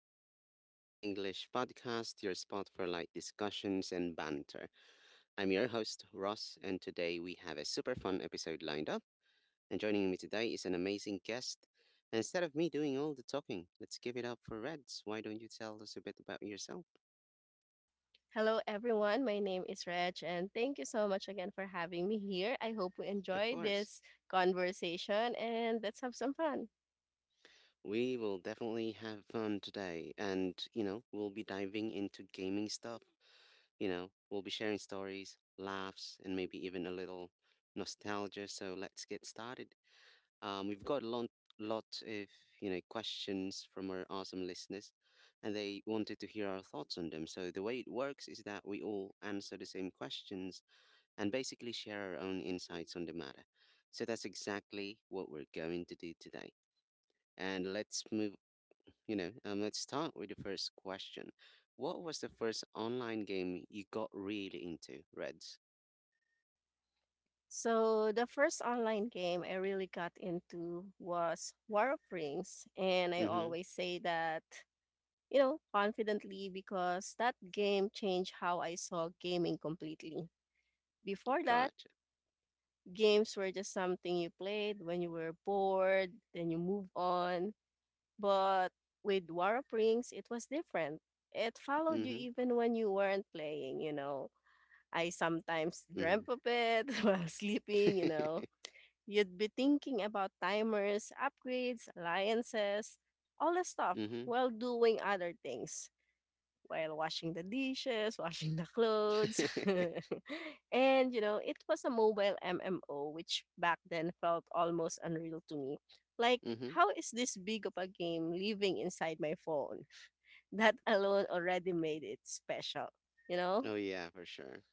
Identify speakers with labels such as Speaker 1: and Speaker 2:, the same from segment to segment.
Speaker 1: to the Pinoy English Podcast, your spot for light discussions and banter. I'm your host, Ross, and today we have a super fun episode lined up. And joining me today is an amazing guest. And instead of me doing all the talking, let's give it up for Reds. Why don't you tell us a bit about yourself?
Speaker 2: Hello, everyone. My name is Reg, and thank you so much again for having me here. I hope we
Speaker 1: Of
Speaker 2: enjoy
Speaker 1: course.
Speaker 2: this conversation and let's have some fun.
Speaker 1: We will definitely have fun today, and you know, we'll be diving into gaming stuff. You know, we'll be sharing stories, laughs, and maybe even a little nostalgia. So let's get started. We've got lot of questions from our awesome listeners, and they wanted to hear our thoughts on them. So the way it works is that we all answer the same questions and basically share our own insights on the matter. So that's exactly what we're going to do today. And let's move you know, let's start with the first question. What was the first online game you got really into, Reds?
Speaker 2: So, the first online game I really got into was War of Rings, and I
Speaker 1: Mm-hmm.
Speaker 2: always say that, confidently because that game changed how I saw gaming completely. Before that,
Speaker 1: Gotcha.
Speaker 2: games were just something you played when you were bored, then you move on. But with War of Rings, it was different. It followed you
Speaker 1: Mm-hmm.
Speaker 2: even when you weren't playing, you know. I sometimes
Speaker 1: Mm-hmm.
Speaker 2: dreamt of it while sleeping, you know. You'd be thinking about timers, upgrades, alliances, all the stuff
Speaker 1: mm-hmm.
Speaker 2: while doing other things, while washing the dishes, washing the clothes. And, you know, it was a mobile MMO, which back then felt almost unreal to me. Like,
Speaker 1: mm-hmm.
Speaker 2: how is this big of a game living inside my phone? That alone already made it special, you know?
Speaker 1: Oh yeah, for sure.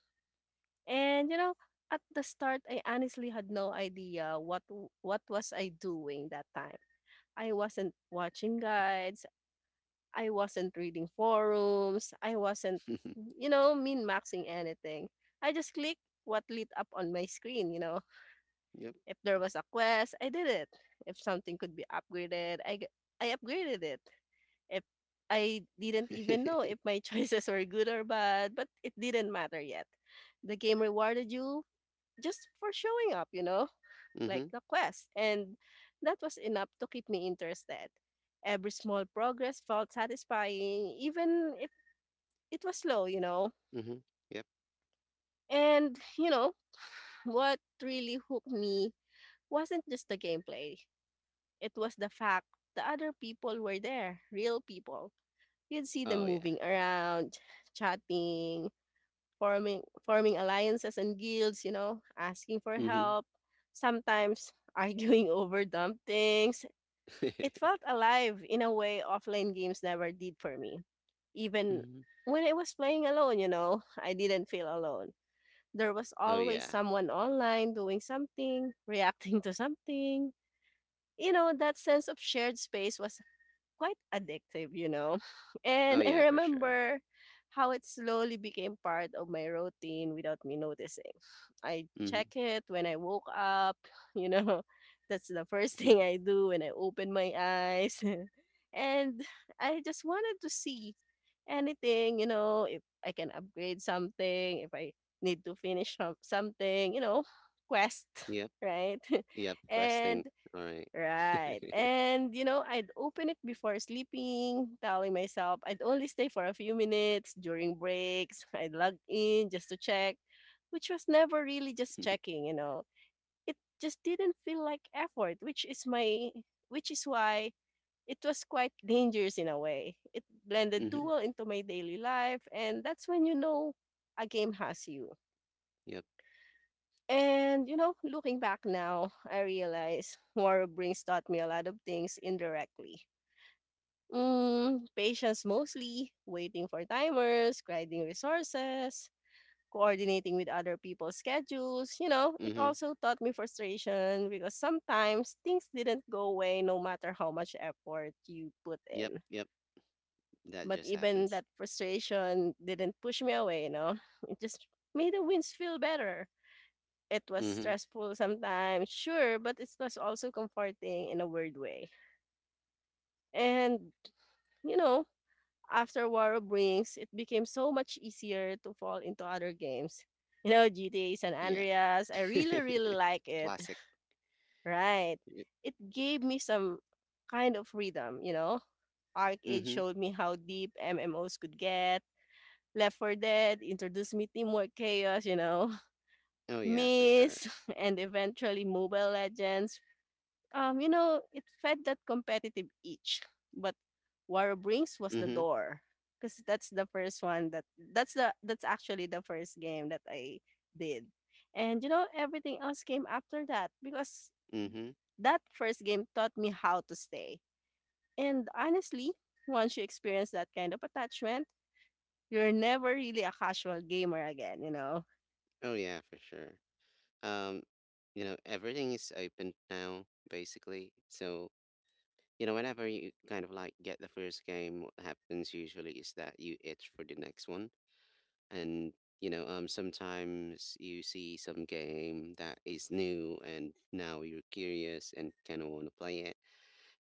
Speaker 2: And, you know, at the start, I honestly had no idea what was I doing that time. I wasn't watching guides. I wasn't reading forums. I wasn't, you know, min maxing anything. I just clicked what lit up on my screen, you know.
Speaker 1: yep.
Speaker 2: If there was a quest, I did it. If something could be upgraded, I upgraded it. If I didn't even know
Speaker 1: mm-hmm.
Speaker 2: if my choices were good or bad, but it didn't matter yet. The game rewarded you just for showing up, you know, like the quest. And that was enough to keep me interested. Every small progress felt satisfying, even if it was slow, you know.
Speaker 1: Mm-hmm. Yep.
Speaker 2: And, you know, what really hooked me wasn't just the gameplay, it was the fact the other people were there, real people. You'd see them
Speaker 1: Oh yeah.
Speaker 2: moving around, chatting, forming alliances and guilds, you know, asking for
Speaker 1: Mm-hmm.
Speaker 2: help, sometimes arguing over dumb things. It felt alive in a way offline games never did for me. Even
Speaker 1: mm-hmm.
Speaker 2: when I was playing alone, you know, I didn't feel alone. There was
Speaker 1: Oh
Speaker 2: always
Speaker 1: yeah.
Speaker 2: someone online doing something, reacting to something. You know, that sense of shared space was quite addictive, you know.
Speaker 1: Oh
Speaker 2: And I
Speaker 1: yeah, for sure.
Speaker 2: remember how it slowly became part of my routine without me noticing. I
Speaker 1: Mm-hmm.
Speaker 2: check it when I woke up, you know. That's the first thing I do when I open my eyes. And I just wanted to see anything, you know, if I can upgrade something, if I need to finish something, you know, quest,
Speaker 1: yep.
Speaker 2: right?
Speaker 1: Yep. Questing.
Speaker 2: And
Speaker 1: All right.
Speaker 2: Right. And, you know, I'd open it before sleeping, telling myself I'd only stay for a few minutes during breaks. I'd log in just to check, which was never really just checking, you know. It just didn't feel like effort, which is why it was quite dangerous in a way. It blended too
Speaker 1: mm-hmm.
Speaker 2: well into my daily life, and that's when you know a game has you.
Speaker 1: Yep.
Speaker 2: And you know, looking back now, I realize Moro Brings taught me a lot of things indirectly. Mm, patience mostly, waiting for timers, grinding resources, coordinating with other people's schedules. You know, it
Speaker 1: Mm-hmm.
Speaker 2: also taught me frustration because sometimes things didn't go away no matter how much effort you put
Speaker 1: Yep.
Speaker 2: in.
Speaker 1: Yep. That
Speaker 2: But
Speaker 1: just
Speaker 2: even
Speaker 1: happens.
Speaker 2: that frustration didn't push me away, you know, it just made the wins feel better. It was
Speaker 1: Mm-hmm.
Speaker 2: stressful sometimes, sure, but it was also comforting in a weird way. And, you know, after War of Rings, it became so much easier to fall into other games. You know, GTA San
Speaker 1: Yeah.
Speaker 2: Andreas, I really, really like it.
Speaker 1: Classic.
Speaker 2: Right.
Speaker 1: Y-
Speaker 2: It gave me some kind of freedom, you know. Arcade
Speaker 1: Mhm.
Speaker 2: showed me how deep MMOs could get. Left 4 Dead introduced me Teamwork Chaos, you know.
Speaker 1: Oh yeah, for sure.
Speaker 2: Miss, and eventually Mobile Legends, you know, it fed that competitive itch, but War Brings was the
Speaker 1: Mhm.
Speaker 2: door because that's the first one that that's actually the first game that I did, and you know everything else came after that because
Speaker 1: Mhm.
Speaker 2: that first game taught me how to stay. And honestly, once you experience that kind of attachment, you're never really a casual gamer again. You know,
Speaker 1: Oh yeah, for sure. Um, you know, everything is open now, basically. So, you know, whenever you kind of like get the first game, what happens usually is that you itch for the next one. And you know, sometimes you see some game that is new and now you're curious and kind of want to play it.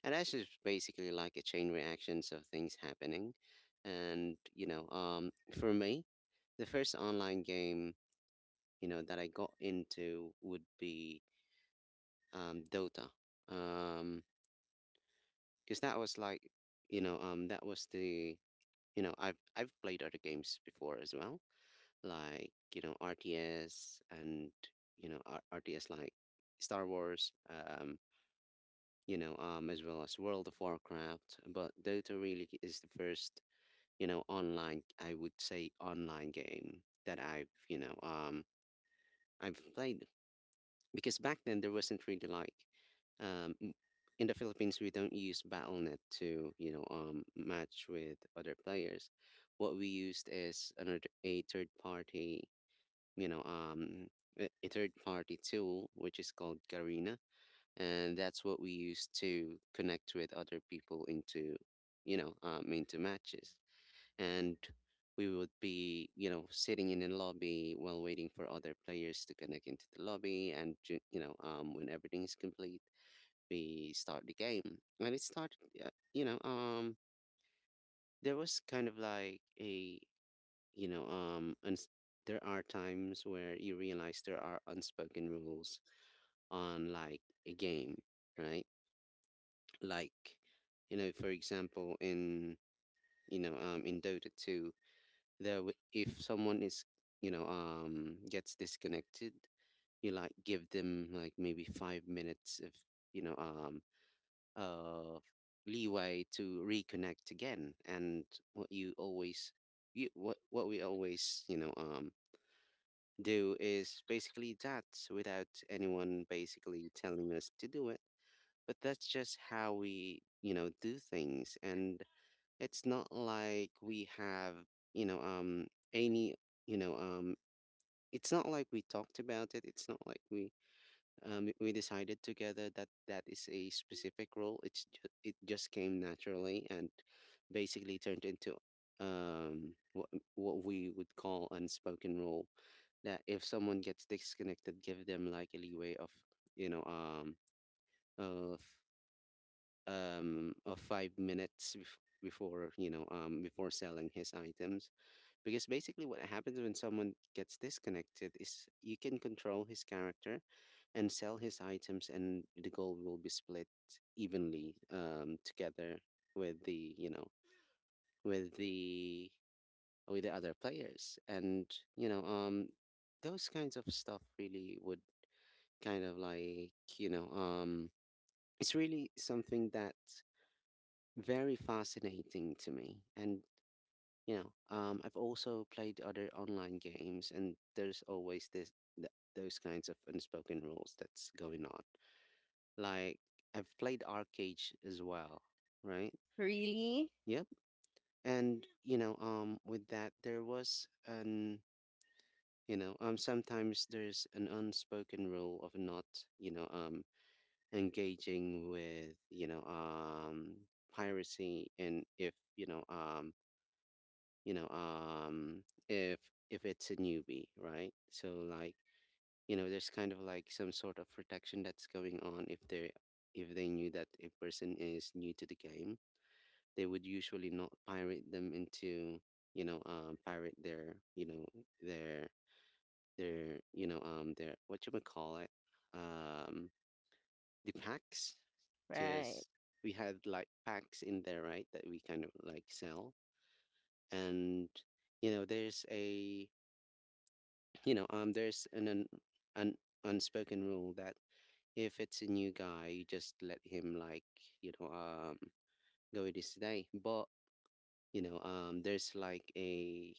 Speaker 1: And that's just basically like a chain reactions of things happening. And, you know, for me, the first online game you know, that I got into would be Dota. Um, because that was like, you know, that was the, you know, I've played other games before as well, like, RTS and, RTS like Star Wars, as well as World of Warcraft. But Dota really is the first online, I would say online game that I've played. Because back then there wasn't really like, um, m- in the Philippines, we don't use BattleNet to, you know, match with other players. What we used is another a third party, you know, um, a third party tool which is called Garena, and that's what we use to connect with other people into, into matches, and we would be, you know, sitting in the lobby while waiting for other players to connect into the lobby. And, when everything is complete, we start the game. And it started, uh, you know, um, there was kind of like a, you know, uns there are times where you realize there are unspoken rules on like a game, right? Like, for example, in Dota 2, there if someone is you know gets disconnected, you like give them like maybe 5 minutes of you know um of leeway to reconnect again. And what you always you what we always do is basically that, without anyone basically telling us to do it, but that's just how we do things. And it's not like we have you know um any you know um it's not like we talked about it. It's not like we decided together that that is a specific role. It's just, it just came naturally and basically turned into um what what we would call unspoken rule. That if someone gets disconnected, give them like a leeway of you know um of of 5 minutes bef- before you know before selling his items. Because basically, what happens when someone gets disconnected is you can control his character and sell his items, and the gold will be split evenly, together with the, you know, with the with the other players. And, you know, um, those kinds of stuff really would kind of like, it's really something that very fascinating to me. And I've also played other online games, and there's always this th- those kinds of unspoken rules that's going on. Like, I've played arcade as well, right?
Speaker 2: really,
Speaker 1: Yep. And with that, there was an sometimes there's an unspoken rule of not you know um engaging with piracy. And if you know um if if it's a newbie, right? So like, there's kind of like some sort of protection that's going on. If they if they knew that a person is new to the game, they would usually not pirate them into pirate their you know their their you know their what you would call it, um the packs.
Speaker 2: right?
Speaker 1: Because we had like packs in there, right, that we kind of like sell. And there's a, you know, there's an unspoken rule that if it's a new guy, you just let him like, you know, go with his day. But there's like a,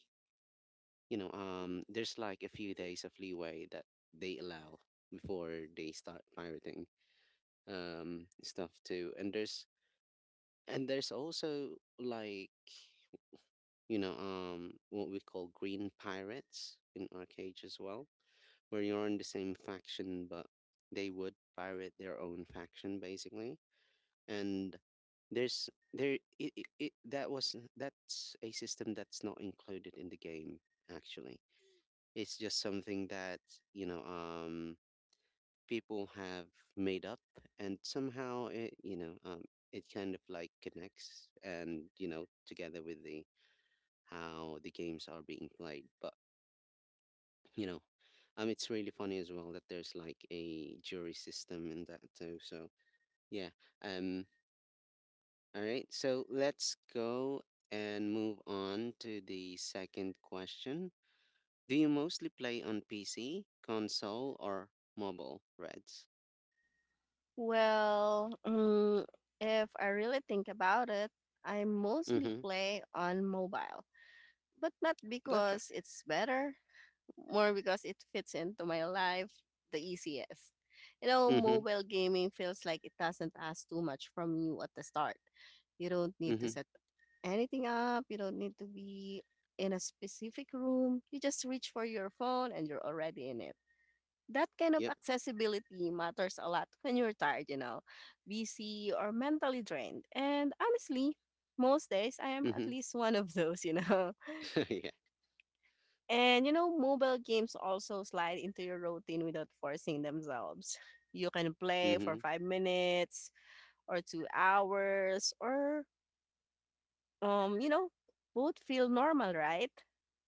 Speaker 1: there's like a few days of leeway that they allow before they start pirating, stuff too. And there's also like, what we call green pirates in our cage as well, where you're in the same faction, but they would pirate their own faction basically. And there's there it, it, it that was that's a system that's not included in the game, actually. It's just something that you know um people have made up, and somehow it you know it kind of like connects and you know together with the how the games are being played. But you know it's really funny as well that there's like a jury system in that too. So yeah. um all right, so let's go and move on to the second question. Do you mostly play on PC, console, or mobile, Reds?
Speaker 2: Well, mm, if I really think about it, I mostly
Speaker 1: Mm-hmm.
Speaker 2: play on mobile, but not
Speaker 1: Gotcha.
Speaker 2: because it's better, more because it fits into my life the easiest. You know,
Speaker 1: Mm-hmm.
Speaker 2: mobile gaming feels like it doesn't ask too much from you at the start. You don't need to
Speaker 1: Mm-hmm.
Speaker 2: set anything up, you don't need to be in a specific room. You just reach for your phone and you're already in it. That kind of
Speaker 1: Yep.
Speaker 2: accessibility matters a lot when you're tired, you know, busy or mentally drained. And honestly, most days I am at
Speaker 1: Mm-hmm.
Speaker 2: least one of those, you know.
Speaker 1: yeah.
Speaker 2: And you know, mobile games also slide into your routine without forcing themselves. You can play for
Speaker 1: Mm-hmm.
Speaker 2: 5 minutes or 2 hours or you know, both feel normal, right?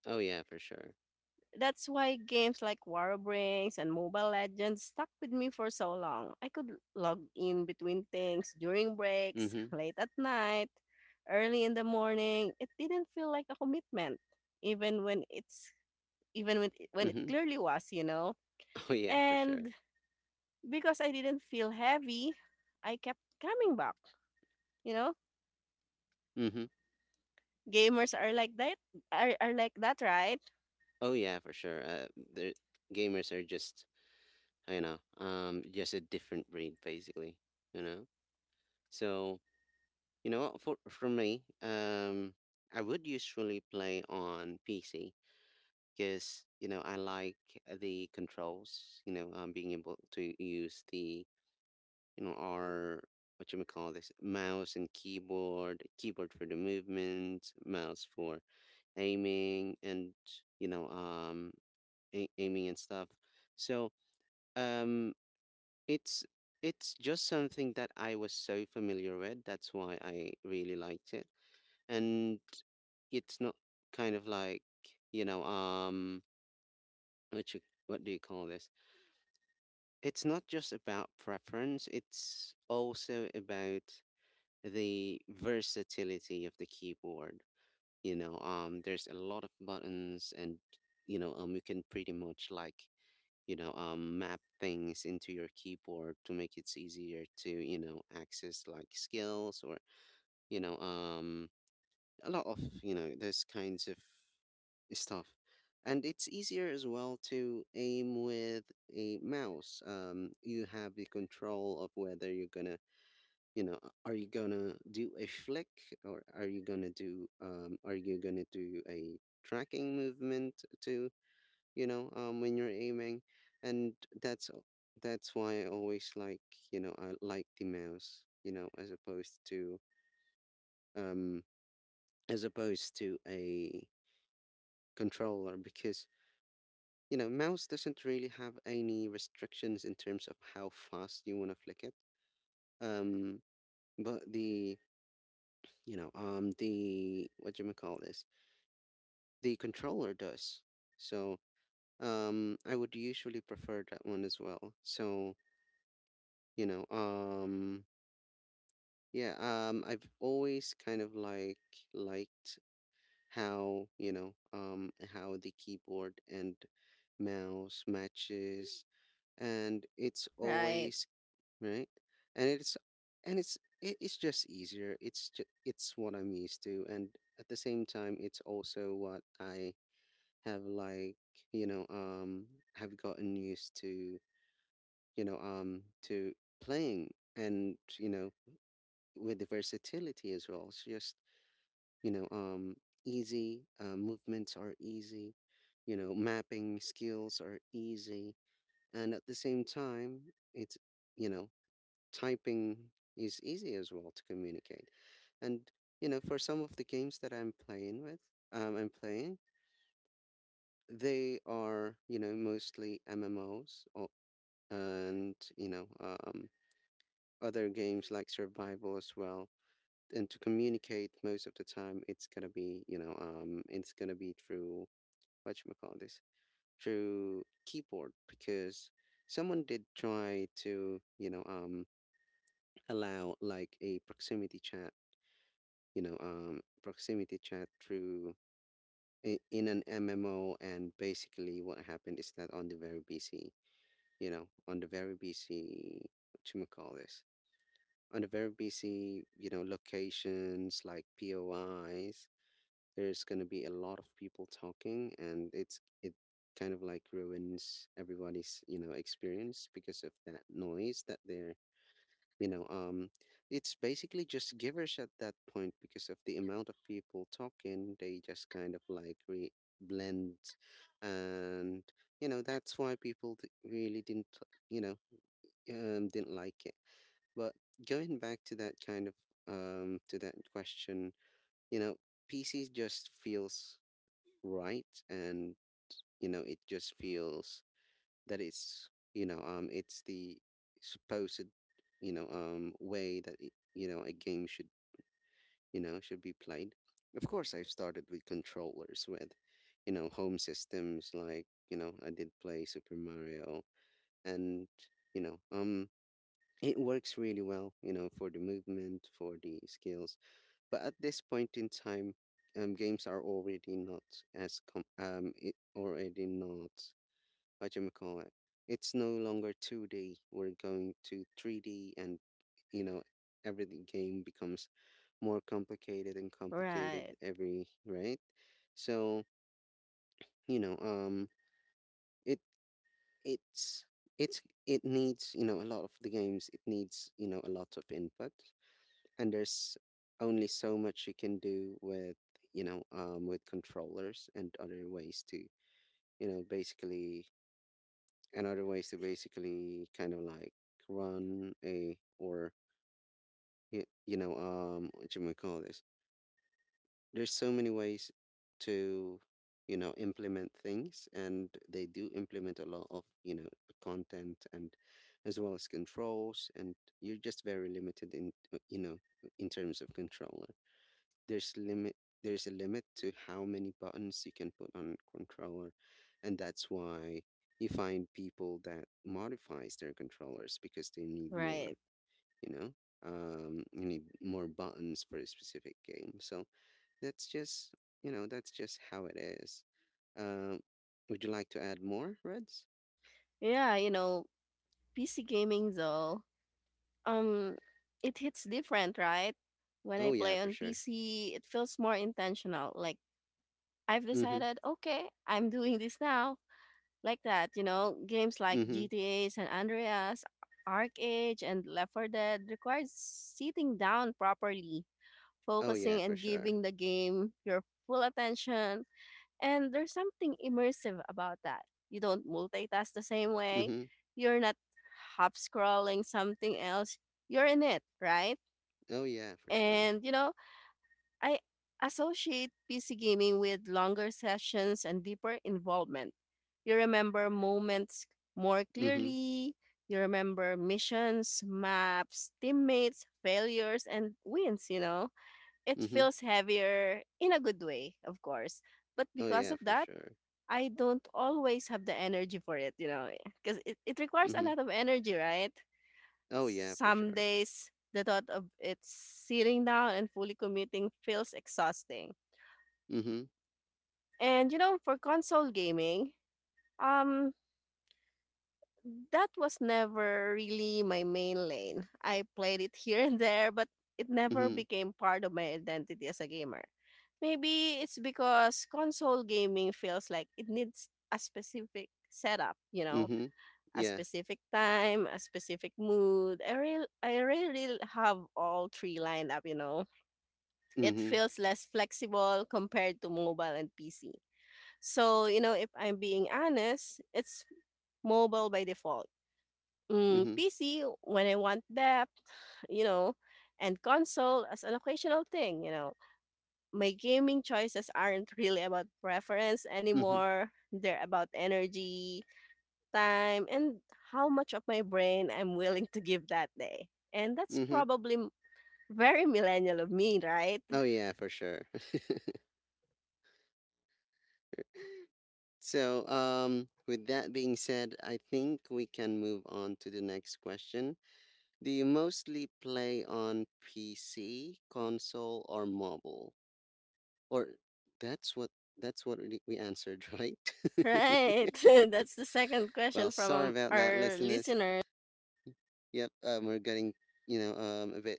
Speaker 1: Oh yeah, for sure.
Speaker 2: That's why games like War of Rings and Mobile Legends stuck with me for so long. I could log in between things during breaks,
Speaker 1: Mm-hmm.
Speaker 2: late at night, early in the morning. It didn't feel like a commitment, even when it's even when it
Speaker 1: Mm-hmm.
Speaker 2: clearly was, you know.
Speaker 1: oh yeah, for sure.
Speaker 2: And because I didn't feel heavy, I kept coming back. You know,
Speaker 1: Mm-hmm.
Speaker 2: gamers are like that. Are like that, right?
Speaker 1: Oh yeah, for sure the Gamers are just just a different breed, basically. You know so you know what, for me, I would usually play on PC because I like the controls. Being able to use the you know our what you may call this, mouse and keyboard for the movement, mouse for aiming and you know um aiming and stuff. So um It's it's just something that I was so familiar with. That's why I really liked it. And it's not kind of like, you know, um what you, what do you call this? It's not just about preference, it's also about the versatility of the keyboard. There's a lot of buttons, and you can pretty much like map things into your keyboard to make it easier to, you know, access like skills or, you know, um, a lot of, you know, those kinds of stuff. And it's easier as well to aim with a mouse. You have the control of whether you're gonna, are you gonna do a flick, or are you gonna do, a tracking movement to when you're aiming. And that's a- that's why I always like, I like the mouse um as opposed to a controller, because mouse doesn't really have any restrictions in terms of how fast you want to flick it. um but the you know the what do you call this, the controller does. So I would usually prefer that one as well. So you know um yeah, I've always kind of like liked how, how the keyboard and mouse matches. And it's
Speaker 2: Right,
Speaker 1: always right. And it's just easier. It's just, it's what I'm used to, and at the same time it's also what I have like, you know, um have gotten used to, to playing, and, you know, with the versatility as well. It's just, you know um easy. Movements are easy. Mapping skills are easy. And at the same time, it's, you know typing is easy as well to communicate. And for some of the games that I'm playing with, I'm playing, they are, mostly MMOs, or, and other games like survival as well. And to communicate, most of the time it's gonna be, it's gonna be through, whatchamacallit this through keyboard. Because someone did try to, allow like a proximity chat, proximity chat through in an MMO. And basically what happened is that on the very BC, on the very BC, whatchamacallit this on the very BC, locations like POIs, there's going to be a lot of people talking, and it kind of like ruins everybody's, experience, because of that noise that they're, you know um it's basically just givers at that point. Because of the amount of people talking, they just kind of like blend. And that's why people really didn't, you know didn't like it. But going back to that kind of, to that question, you know pc just feels right. And it just feels that it's, it's the supposed, way that it, a game should, should be played. Of course, I've started with controllers with, home systems, like I did play Super Mario. And you know um it works really well, for the movement, for the skills. But at this point in time, games are already not it already not, what do you call it. It's no longer 2D. We're going to 3D, and you know, every game becomes more complicated and complicated
Speaker 2: right,
Speaker 1: every right. So you know, um, it it's it's it needs, a lot of the games. It needs, a lot of input. And there's only so much you can do with, with controllers, and other ways to, basically, and other ways to basically kind of like run a, or what you might call this. There's so many ways to, implement things, and they do implement a lot of, content, and as well as controls. And you're just very limited in, in terms of controller. There's limit, there's a limit to how many buttons you can put on controller. And that's why you find people that modifies their controllers because they need more,
Speaker 2: right.
Speaker 1: you know you need more buttons for a specific game. So that's just, that's just how it is. um would you like to add more reds?
Speaker 2: Yeah, you know, PC gaming though. Um, it hits different, right? When I
Speaker 1: Oh yeah,
Speaker 2: play
Speaker 1: for
Speaker 2: on
Speaker 1: sure.
Speaker 2: PC, it feels more intentional. Like I've
Speaker 1: Mm-hmm.
Speaker 2: decided, okay, I'm doing this now. Like that, you know, games like
Speaker 1: Mm-hmm.
Speaker 2: GTA San Andreas, Arc Age, and Left 4 Dead requires sitting down properly,
Speaker 1: Oh yeah,
Speaker 2: focusing
Speaker 1: for
Speaker 2: and
Speaker 1: sure.
Speaker 2: giving the game your full attention. And there's something immersive about that. You don't multitask the same way.
Speaker 1: Mm-hmm.
Speaker 2: You're not half scrolling something else. You're in it, right?
Speaker 1: Oh yeah, for sure.
Speaker 2: And you know, I associate PC gaming with longer sessions and deeper involvement. You remember moments more
Speaker 1: Mm-hmm.
Speaker 2: clearly, you remember missions, maps, teammates, failures, and wins, you know. It
Speaker 1: Mm-hmm.
Speaker 2: feels heavier in a good way, of course. But
Speaker 1: Oh
Speaker 2: because
Speaker 1: yeah,
Speaker 2: of
Speaker 1: for
Speaker 2: that,
Speaker 1: sure.
Speaker 2: I don't always have the energy for it, you know, because it requires a
Speaker 1: Mm-hmm.
Speaker 2: lot of energy, right?
Speaker 1: Oh, yeah, for
Speaker 2: Some
Speaker 1: sure.
Speaker 2: days, the thought of it sitting down and fully committing feels exhausting.
Speaker 1: Mhm,
Speaker 2: And you know, for console gaming, um, that was never really my main lane. I played it here and there, but it never
Speaker 1: mhm,
Speaker 2: became part of my identity as a gamer. Maybe it's because console gaming feels like it needs a specific setup, you know,
Speaker 1: mhm.
Speaker 2: a
Speaker 1: Yeah.
Speaker 2: specific time, a specific mood. I really have all three lined up, you know. It
Speaker 1: Mhm,
Speaker 2: feels less flexible compared to mobile and PC. So, you know, if I'm being honest, it's mobile by default. Mm,
Speaker 1: mhm,
Speaker 2: PC, when I want depth, you know, and console as an occasional thing, you know. My gaming choices aren't really about preference
Speaker 1: mhm,
Speaker 2: anymore. They're about energy, time, and how much of my brain I'm willing to give that day. And that's
Speaker 1: mhm.
Speaker 2: probably very millennial of me, right?
Speaker 1: Oh, yeah, for sure. So, with that being said, I think we can move on to the next question. Do you mostly play on PC, console, or mobile? Or that's what, that's what we answered, right?
Speaker 2: Right. That's the second
Speaker 1: Well,
Speaker 2: question from
Speaker 1: sorry about that,
Speaker 2: our
Speaker 1: listeners.
Speaker 2: listener.
Speaker 1: Yep, we're getting, a bit,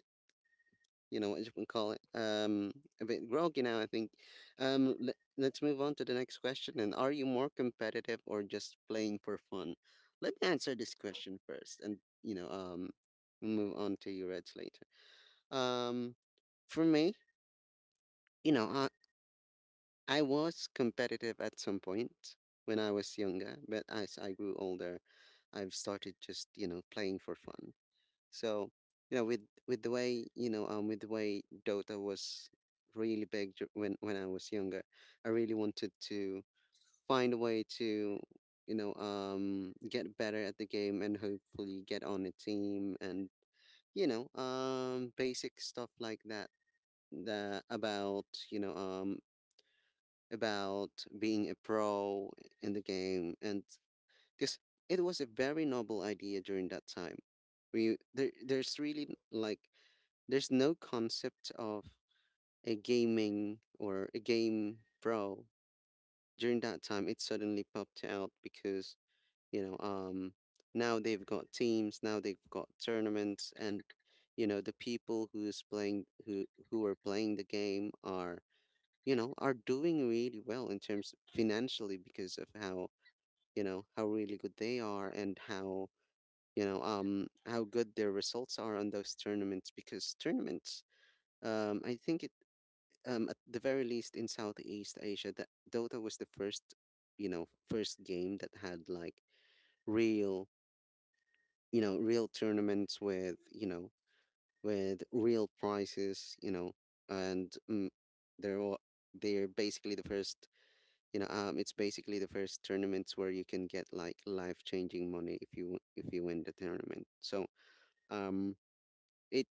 Speaker 1: you know what you can call it, a bit groggy now, I think. Let's move on to the next question. And are you more competitive or just playing for fun? Let me answer this question first, and move on to your Reds later. Um, for me, you know, I I was competitive at some point when I was younger, but as I grew older, I've started just, playing for fun. So, you know, with with the way, with the way Dota was really big when I was younger, I really wanted to find a way to, get better at the game and hopefully get on a team, and basic stuff like that. The about, about being a pro in the game. And because it was a very noble idea during that time, we there's really like there's no concept of a gaming or a game bro. During that time, it suddenly popped out because, you know, um, now they've got teams, now they've got tournaments, and, the people who's playing, who are playing the game are, are doing really well in terms financially, because of how, how really good they are, and how, how good their results are on those tournaments. Because tournaments, I think, at the very least in Southeast Asia, that Dota was the first, first game that had like real, real tournaments with, with real prizes, you know. And they're all, they're basically the first, it's basically the first tournaments where you can get like life changing money, if you, if you win the tournament. So, um, it,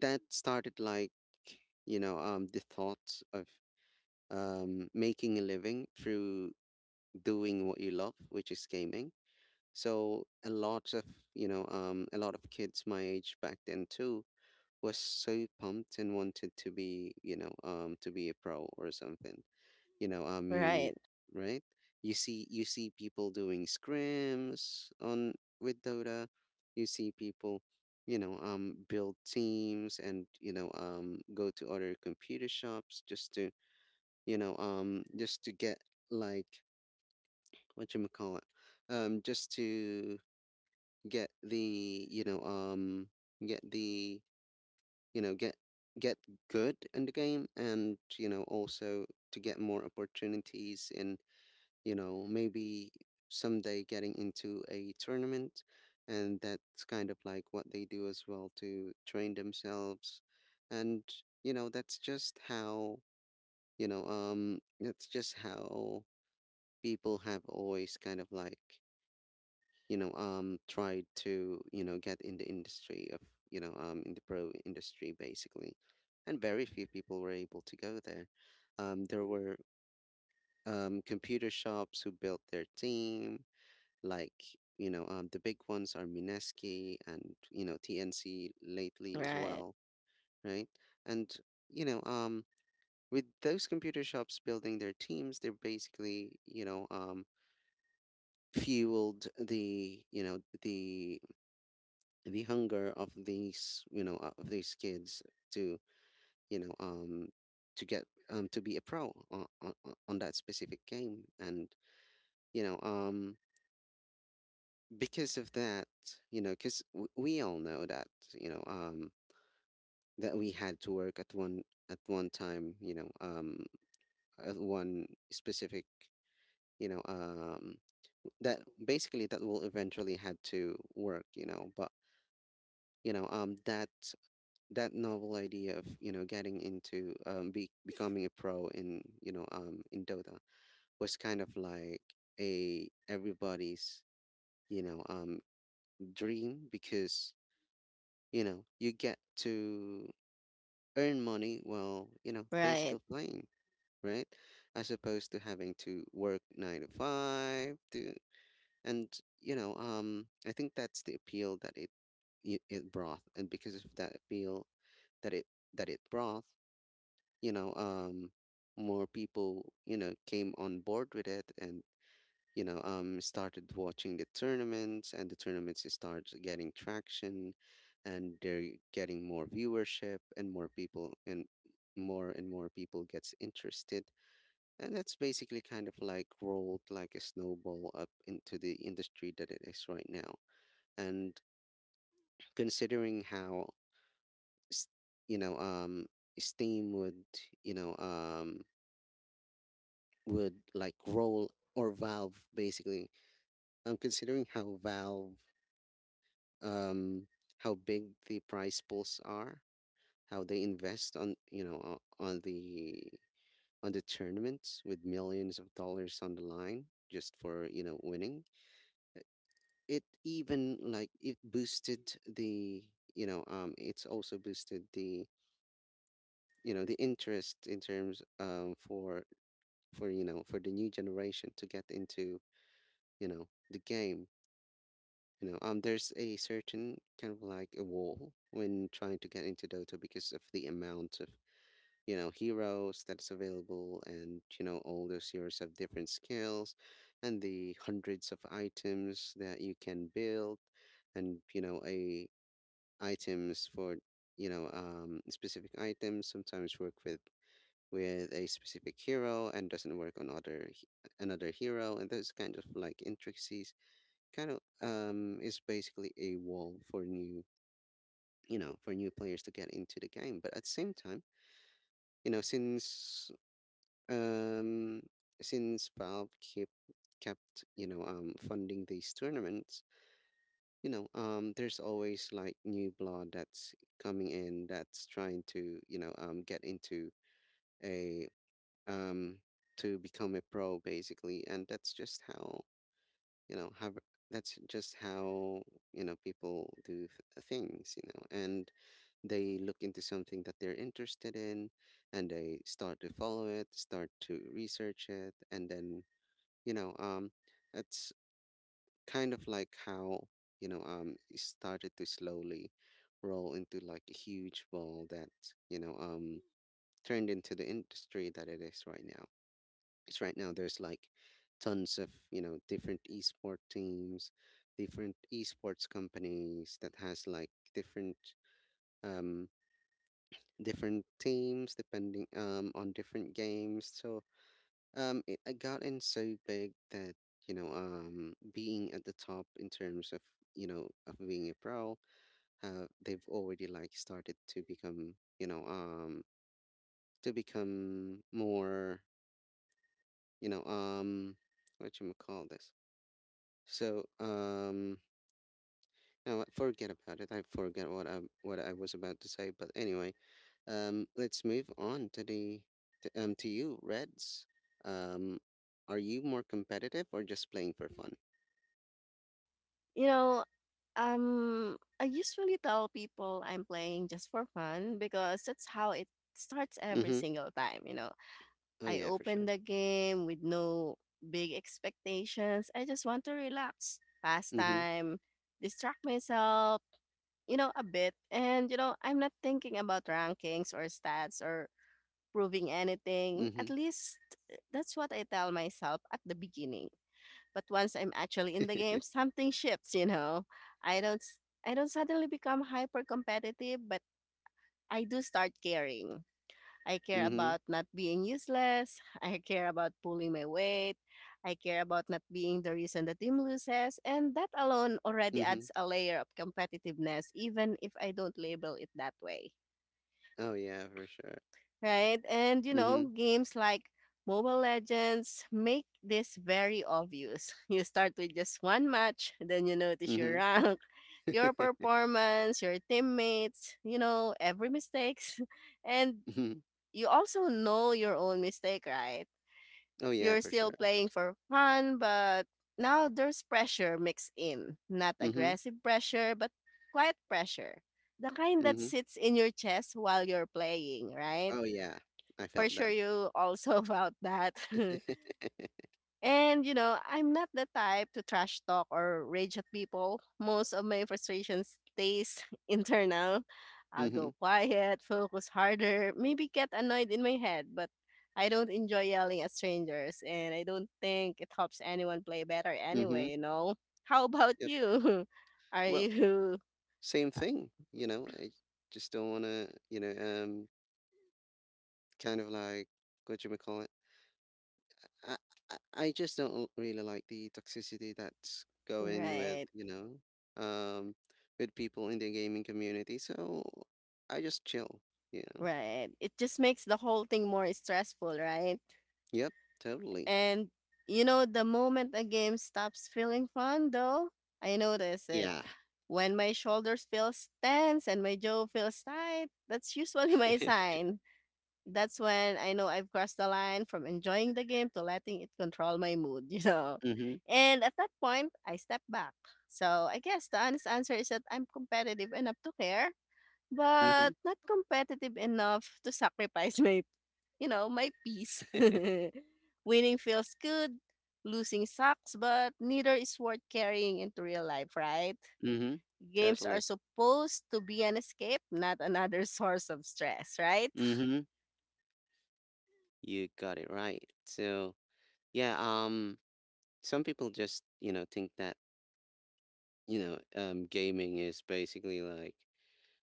Speaker 1: that started like, the thoughts of, making a living through doing what you love, which is gaming. So a lot of, a lot of kids my age back then too was so pumped and wanted to be, to be a pro or something. You know you
Speaker 2: Right.
Speaker 1: Right. You see, you see people doing scrims on, with Dota. You see people, build teams, and go to other computer shops just to, just to get like, what you may call it, just to get the, get the, get, get good in the game. And also to get more opportunities in, maybe someday getting into a tournament. And that's kind of like what they do as well, to train themselves. And that's just how, that's just how people have always kind of like, tried to, get in the industry of, in the pro industry basically. And very few people were able to go there. There were, computer shops who built their team, like, the big ones are Mineski, and TNC lately as
Speaker 2: Right.
Speaker 1: well. Right. And you know um with those computer shops building their teams, they're basically, fueled the, the hunger of these, of these kids to, you know um to get, to be a pro on that specific game. And you know um because of that, because we all know that, you know um that we had to work at one, at one time, at one specific, you know um that basically, that will eventually had to work, you know. But that, that novel idea of, getting into, becoming a pro in, in Dota, was kind of like a everybody's, you know um dream. Because you get to earn money while,
Speaker 2: Right.
Speaker 1: basically playing. Right. As opposed to having to work 9 to 5 to. And I think that's the appeal that it brought. And because of that appeal that it brought, you know, um, more people, came on board with it. And started watching the tournaments, and the tournaments starts getting traction, and they're getting more viewership, and more people gets interested. And that's basically kind of like rolled like a snowball up into the industry that it is right now. And considering how, s- you know, um, Steam would, you know, um, would like roll, or Valve basically, considering how Valve, um, how big the prize pools are, how they invest on, you know, on the tournaments with millions of dollars on the line just for, you know, winning it even like it boosted the you know it's also boosted the, you know, the interest in terms, for, you know, for the new generation to get into, you know, the game. There's a certain kind of like a wall when trying to get into Dota because of the amount of, you know, heroes that's available, and you know all those heroes have different skills and the hundreds of items that you can build. And you know, a items for, specific items sometimes work with a specific hero and doesn't work on another hero, and those kind of like intricacies kind of is basically a wall for new, you know, for new players to get into the game. But at the same time, you know, um since Valve keep kept, funding these tournaments, there's always like new blood that's coming in that's trying to, you know, get into a um, to become a pro basically. And that's just how, you know have that's just how, you know, people do things, you know. And they look into something that they're interested in, and they start to follow it, start to research it, and then, you know, um, it's kind of like how, it started to slowly roll into like a huge ball that, you know um turned into the industry that it is right now. Because right now there's like tons of, you know, different esport teams, different esports companies that has like different, um different teams depending on different games. So, it I got in so big that, being at the top in terms of, you know, of being a pro, they've already like started to become, to become more, you know, um, what you call this? So, now what, forget about it. I forget what I was about to say, but anyway, let's move on to the to you, Reds. Um, are you more competitive or just playing for fun?
Speaker 2: You know, I usually tell people I'm playing just for fun because that's how it starts every
Speaker 1: Mhm.
Speaker 2: single time, you know.
Speaker 1: Oh,
Speaker 2: I
Speaker 1: yeah, for
Speaker 2: open
Speaker 1: sure.
Speaker 2: the game with no big expectations. I just want to relax, pass
Speaker 1: Mhm.
Speaker 2: time, distract myself, you know, a bit. And you know, I'm not thinking about rankings or stats or proving anything. At
Speaker 1: Mhm.
Speaker 2: least that's what I tell myself at the beginning. But once I'm actually in the game, something shifts, you know. I don't s- I don't suddenly become hyper competitive, but I do start caring. I care
Speaker 1: Mhm.
Speaker 2: about not being useless. I care about pulling my weight. I care about not being the reason the team loses. And that alone already
Speaker 1: Mhm.
Speaker 2: adds a layer of competitiveness, even if I don't label it that way.
Speaker 1: Oh, yeah, for sure.
Speaker 2: Right? And you know,
Speaker 1: Mhm.
Speaker 2: games like Mobile Legends make this very obvious. You start with just one match, then you notice your
Speaker 1: Mhm.
Speaker 2: rank,
Speaker 1: Mhm.
Speaker 2: your performance, your teammates, you know, every mistakes. And you also know your own mistake, right?
Speaker 1: Oh, yeah,
Speaker 2: You're
Speaker 1: for
Speaker 2: still
Speaker 1: sure.
Speaker 2: playing for fun, but now there's pressure mixed in. Not
Speaker 1: Mhm.
Speaker 2: aggressive pressure, but quiet pressure. The kind that
Speaker 1: Mhm.
Speaker 2: sits in your chest while you're playing, right?
Speaker 1: Oh, yeah. I
Speaker 2: For
Speaker 1: felt that.
Speaker 2: sure you also about that. And you know, I'm not the type to trash talk or rage at people. Most of my frustration stays internal. I'll
Speaker 1: Mhm.
Speaker 2: go quiet, focus harder, maybe get annoyed in my head, but I don't enjoy yelling at strangers and I don't think it helps anyone play better anyway,
Speaker 1: Mhm.
Speaker 2: you know. How about
Speaker 1: Yep.
Speaker 2: you? Are
Speaker 1: Well,
Speaker 2: you
Speaker 1: same
Speaker 2: uh,
Speaker 1: thing, you know, I just don't wanna, you know, um, kind of like, what you would call I I I just don't really like the toxicity that's going with,
Speaker 2: Right,
Speaker 1: you know, um, with people in the gaming community. So I just chill, you know.
Speaker 2: right. It just makes the whole thing more stressful, right?
Speaker 1: Yep, totally.
Speaker 2: And, you know, the moment a game stops feeling fun, though, I notice it.
Speaker 1: Yeah.
Speaker 2: When my shoulders feel tense and my jaw feels tight, that's usually my sign. That's when I know I've crossed the line from enjoying the game to letting it control my mood, you know.
Speaker 1: Mm-hmm.
Speaker 2: And at that point, I step back. So I guess the honest answer is that I'm competitive enough to care, but
Speaker 1: Mm-hmm.
Speaker 2: not competitive enough to sacrifice my you know, my peace. Winning feels good, losing sucks, but neither is worth carrying into real life, right?
Speaker 1: Mm-hmm.
Speaker 2: Games are
Speaker 1: Totally.
Speaker 2: supposed to be an escape, not another source of stress, right?
Speaker 1: Mm-hmm. You got it right. So yeah, some people just, you know, think that, gaming is basically like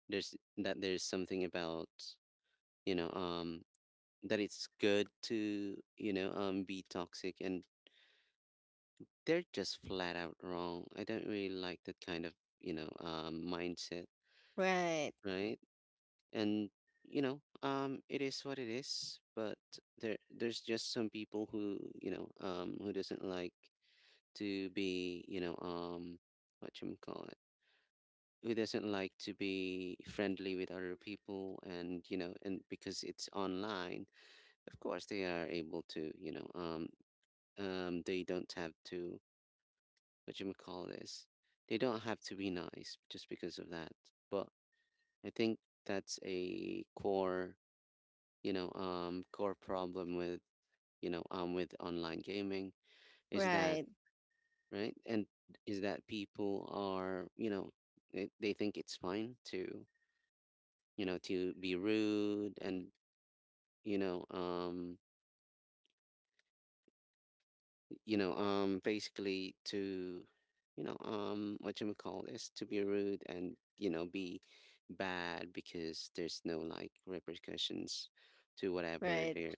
Speaker 1: there's something about, you know, um that it's good to, you know, be toxic, and they're just flat out wrong. I don't really like that kind of, mindset,
Speaker 2: Right,
Speaker 1: right? And, it is what it is. But there's just some people who, who doesn't like to be, what you call it, who doesn't like to be friendly with other people. And you know, and because it's online, of course they are able to, they don't have to, what you call this, they don't have to be nice just because of that. But I think that's a core, core problem with, with online gaming, is that
Speaker 2: right,
Speaker 1: right, and is that people are, you know, they think it's fine to, you know, to be rude and, you know um basically to, what you call this, to be rude and you know be bad, because there's no like repercussions to whatever they're
Speaker 2: right.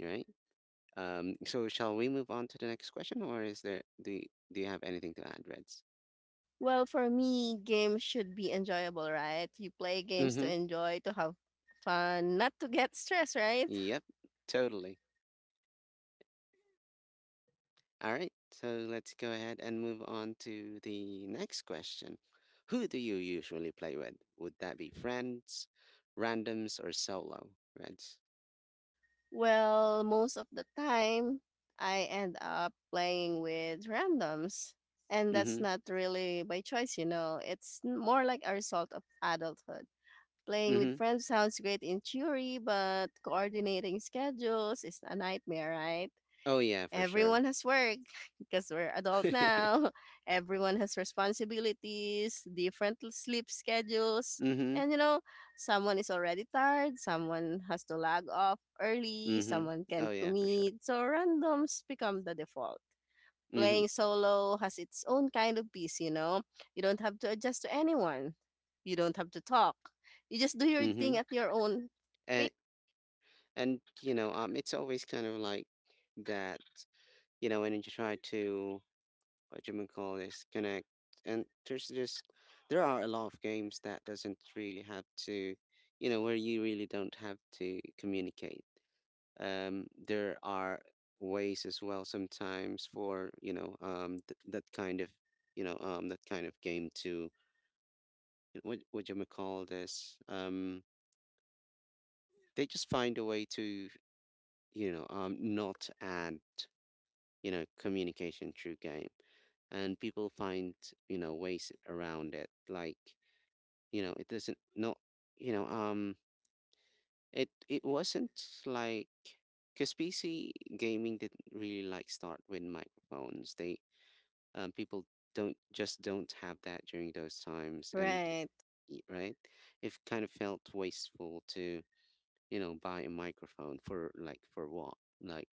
Speaker 1: right. So shall we move on to the next question, or is there do you have anything to add, Reds?
Speaker 2: Well, for me, games should be enjoyable, right? You play games to
Speaker 1: Mm-hmm.
Speaker 2: enjoy, to have fun, not to get stressed, right?
Speaker 1: Yep. Totally. All right. So let's go ahead and move on to the next question. Who do you usually play with? Would that be friends, randoms, or solo, Reds?
Speaker 2: Well, most of the time, I end up playing with randoms. And that's
Speaker 1: Mhm,
Speaker 2: not really by choice, you know. It's more like a result of adulthood. Playing with
Speaker 1: mhm.
Speaker 2: friends sounds great in theory, but coordinating schedules is a nightmare, right?
Speaker 1: Oh, yeah, for sure.
Speaker 2: Everyone has work because we're adult now. Everyone has responsibilities, different sleep schedules.
Speaker 1: Mhm,
Speaker 2: And you know, someone is already tired, someone has to log off early,
Speaker 1: mhm.
Speaker 2: someone
Speaker 1: Oh,
Speaker 2: can't
Speaker 1: yeah, for sure.
Speaker 2: commit. So randoms become the default.
Speaker 1: Mhm,
Speaker 2: Playing solo has its own kind of peace, you know. You don't have to adjust to anyone. You don't have to talk. You just do your thing
Speaker 1: mhm.
Speaker 2: at your own pace.
Speaker 1: And you know, it's always kind of like that, you know, when you try to, what you would call this, connect. And there's just, there are a lot of games that doesn't really have to, you know, where you really don't have to communicate. There are ways as well sometimes for, th that kind of, that kind of game to what do you call this? They just find a way to, not add, communication through game. And people find, you know, ways around it. Like, you know, you know um it it wasn't like, because PC gaming didn't really like start with microphones. They people don't just don't have that during those times, and
Speaker 2: Right.
Speaker 1: right, it kind of felt wasteful to, you know, buy a microphone for like for what? Like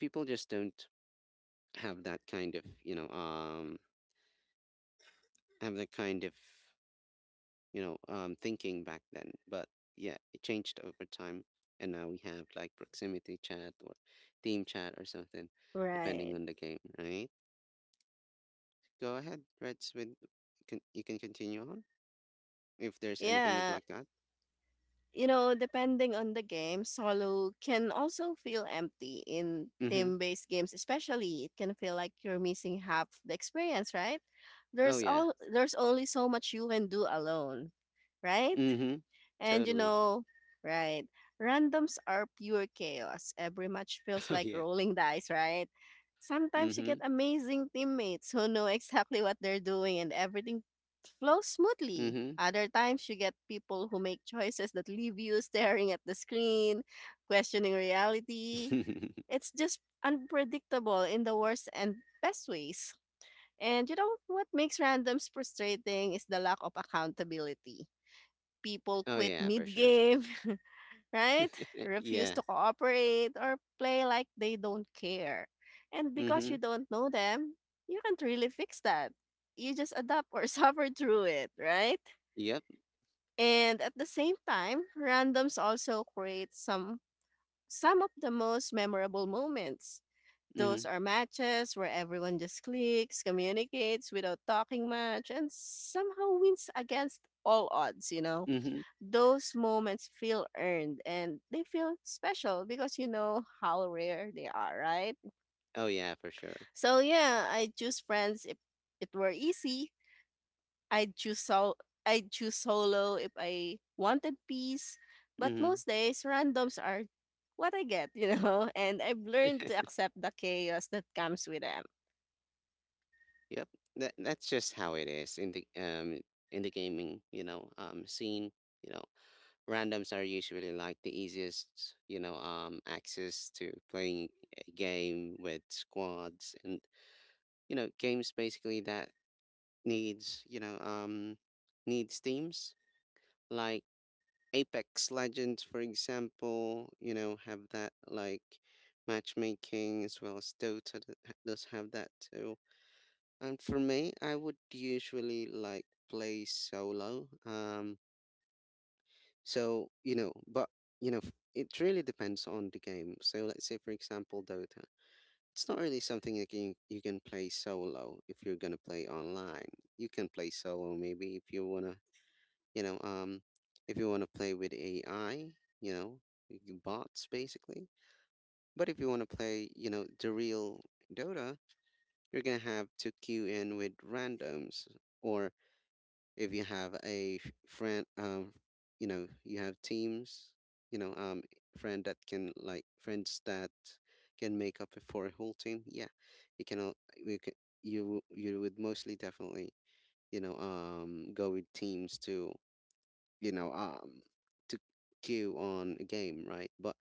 Speaker 1: people just don't have that kind of, have that kind of, thinking back then. But yeah, it changed over time, and now we have like proximity chat or team chat or something depending
Speaker 2: Right.
Speaker 1: on the game, right? Go ahead, Reds, with can you can continue on if there's anything you'd
Speaker 2: Yeah.
Speaker 1: like to add.
Speaker 2: You know, depending on the game, solo can also feel empty in
Speaker 1: Mm-hmm.
Speaker 2: team based games, especially it can feel like you're missing half the experience, right?
Speaker 1: Oh
Speaker 2: There's
Speaker 1: yeah.
Speaker 2: all there's only so much you can do alone, right?
Speaker 1: Mm-hmm.
Speaker 2: And you
Speaker 1: Totally.
Speaker 2: know, right, randoms are pure chaos. Every match feels
Speaker 1: Oh
Speaker 2: like
Speaker 1: yeah.
Speaker 2: rolling dice, right? Sometimes you
Speaker 1: Mm-hmm.
Speaker 2: get amazing teammates who know exactly what they're doing and everything flows smoothly. Other times you get people who make choices that leave you staring at the screen, questioning reality.
Speaker 1: Mm-hmm.
Speaker 2: It's just unpredictable in the worst and best ways. And you know what makes randoms frustrating is the lack of accountability. People
Speaker 1: oh
Speaker 2: quit
Speaker 1: yeah, for sure.
Speaker 2: mid-game, right? Refuse
Speaker 1: Yeah.
Speaker 2: to cooperate or play like they don't care. And because you
Speaker 1: Mhm.
Speaker 2: don't know them, you can't really fix that. You just adapt or suffer through it, right?
Speaker 1: Yep.
Speaker 2: And at the same time, randoms also create some of the most memorable moments. Those
Speaker 1: Mhm.
Speaker 2: are matches where everyone just clicks, communicates without talking much, and somehow wins against all odds, you know?
Speaker 1: Mhm.
Speaker 2: Those moments feel earned and they feel special because you know how rare they are, right?
Speaker 1: Oh yeah, for sure.
Speaker 2: So yeah, I choose friends if it were easy. I'd choose sol- I'd choose solo if I wanted peace. But
Speaker 1: Mhm.
Speaker 2: most days randoms are what I get, you know, and I've learned to accept the chaos that comes with them.
Speaker 1: Yep. That's just how it is in the, um, in the gaming, you know, um, scene. You know, randoms are usually like the easiest, you know, um, access to playing a game with squads, and you know, games basically that needs, needs teams. Like Apex Legends, for example, you know, have that like matchmaking, as well as Dota that does have that too. And for me, I would usually like play solo. So you know, but you know, it really depends on the game. So let's say, for example, Dota. It's not really something you can play solo if you're gonna play online. You can play solo maybe if you wanna, you know, um, if you want to play with AI, you know, bots basically. But if you want to play, you know, the real Dota, you're gonna have to queue in with randoms, or if you have a friend, you know, you have teams, you know, um, friend that can like friends that can make up for a whole team. Yeah, you can. You can. You would mostly definitely, go with teams too, you know, um, to queue on a game, right? But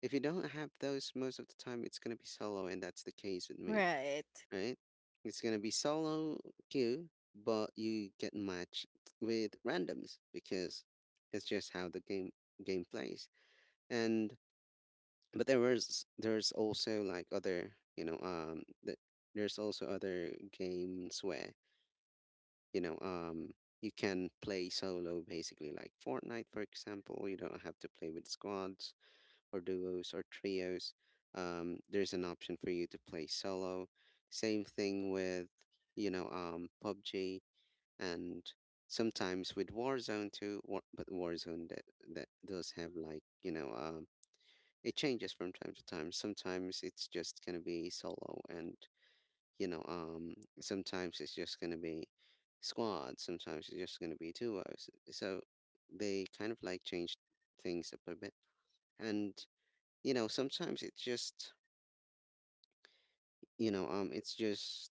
Speaker 1: if you don't have those, most of the time it's gonna be solo, and that's the case with me,
Speaker 2: Right.
Speaker 1: right? It's gonna be solo queue, but you get matched with randoms, because it's just how the game plays. And but there was there's also like other, there's also other games where, you know um you can play solo basically, like Fortnite for example. You don't have to play with squads or duos or trios. Um, there's an option for you to play solo. Same thing with, PUBG, and sometimes with Warzone too. But Warzone, that does have like, it changes from time to time. Sometimes it's just going to be solo, and, you know, um, sometimes it's just going to be squads, sometimes it's just going to be duos. So they kind of like change things up a bit. And, you know, sometimes it just, it's just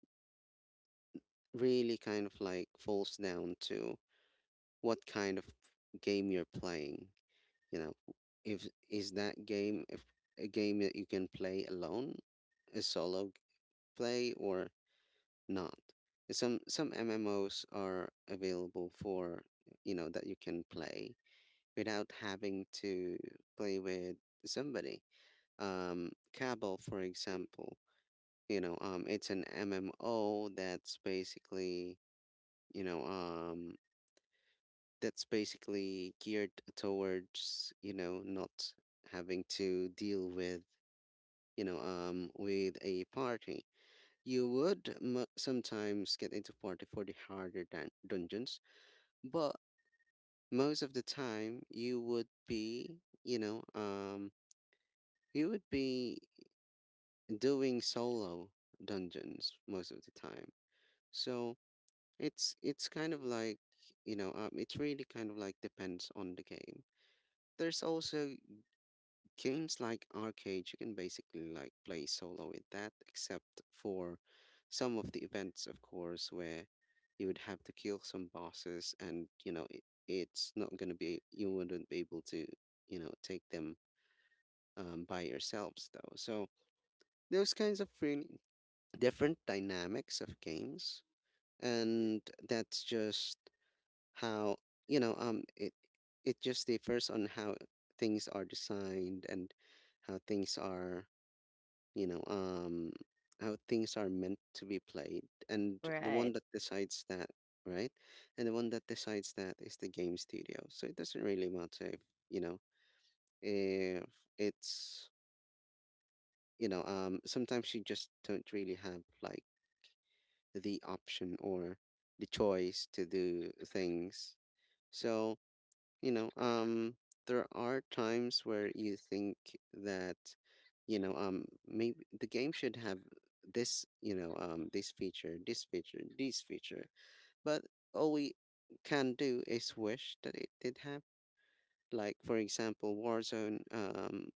Speaker 1: really kind of like falls down to what kind of game you're playing. You know, if is that game if a game that you can play alone, a play, or not. Some MMOs are available for, you know, that you can play without having to play with somebody. Cabal, for example, it's an MMO that's basically, you know, um, that's basically geared towards, you know, not having to deal with, with a party. You would sometimes get into party for the harder dungeons, but most of the time you would be, you know um you would be doing solo dungeons most of the time. So it's kind of like, it really kind of like depends on the game. There's also games like arcade, you can basically like play solo with that, except for some of the events, of course, where you would have to kill some bosses, and you know it's not gonna be you wouldn't be able to, you know, take them, by yourselves though. So those kinds of really different dynamics of games, and that's just how, it it just differs on how things are designed, and how things are, you know um how things are meant to be played. And the
Speaker 2: Right.
Speaker 1: one that decides that right, and the one that decides that is the game studio. So it doesn't really matter if, you know, if it's you know, sometimes you just don't really have like the option or the choice to do things. So, you know, um, there are times where you think that, maybe the game should have this, this feature, this feature, this feature, but all we can do is wish that it did have. Like, for example, Warzone,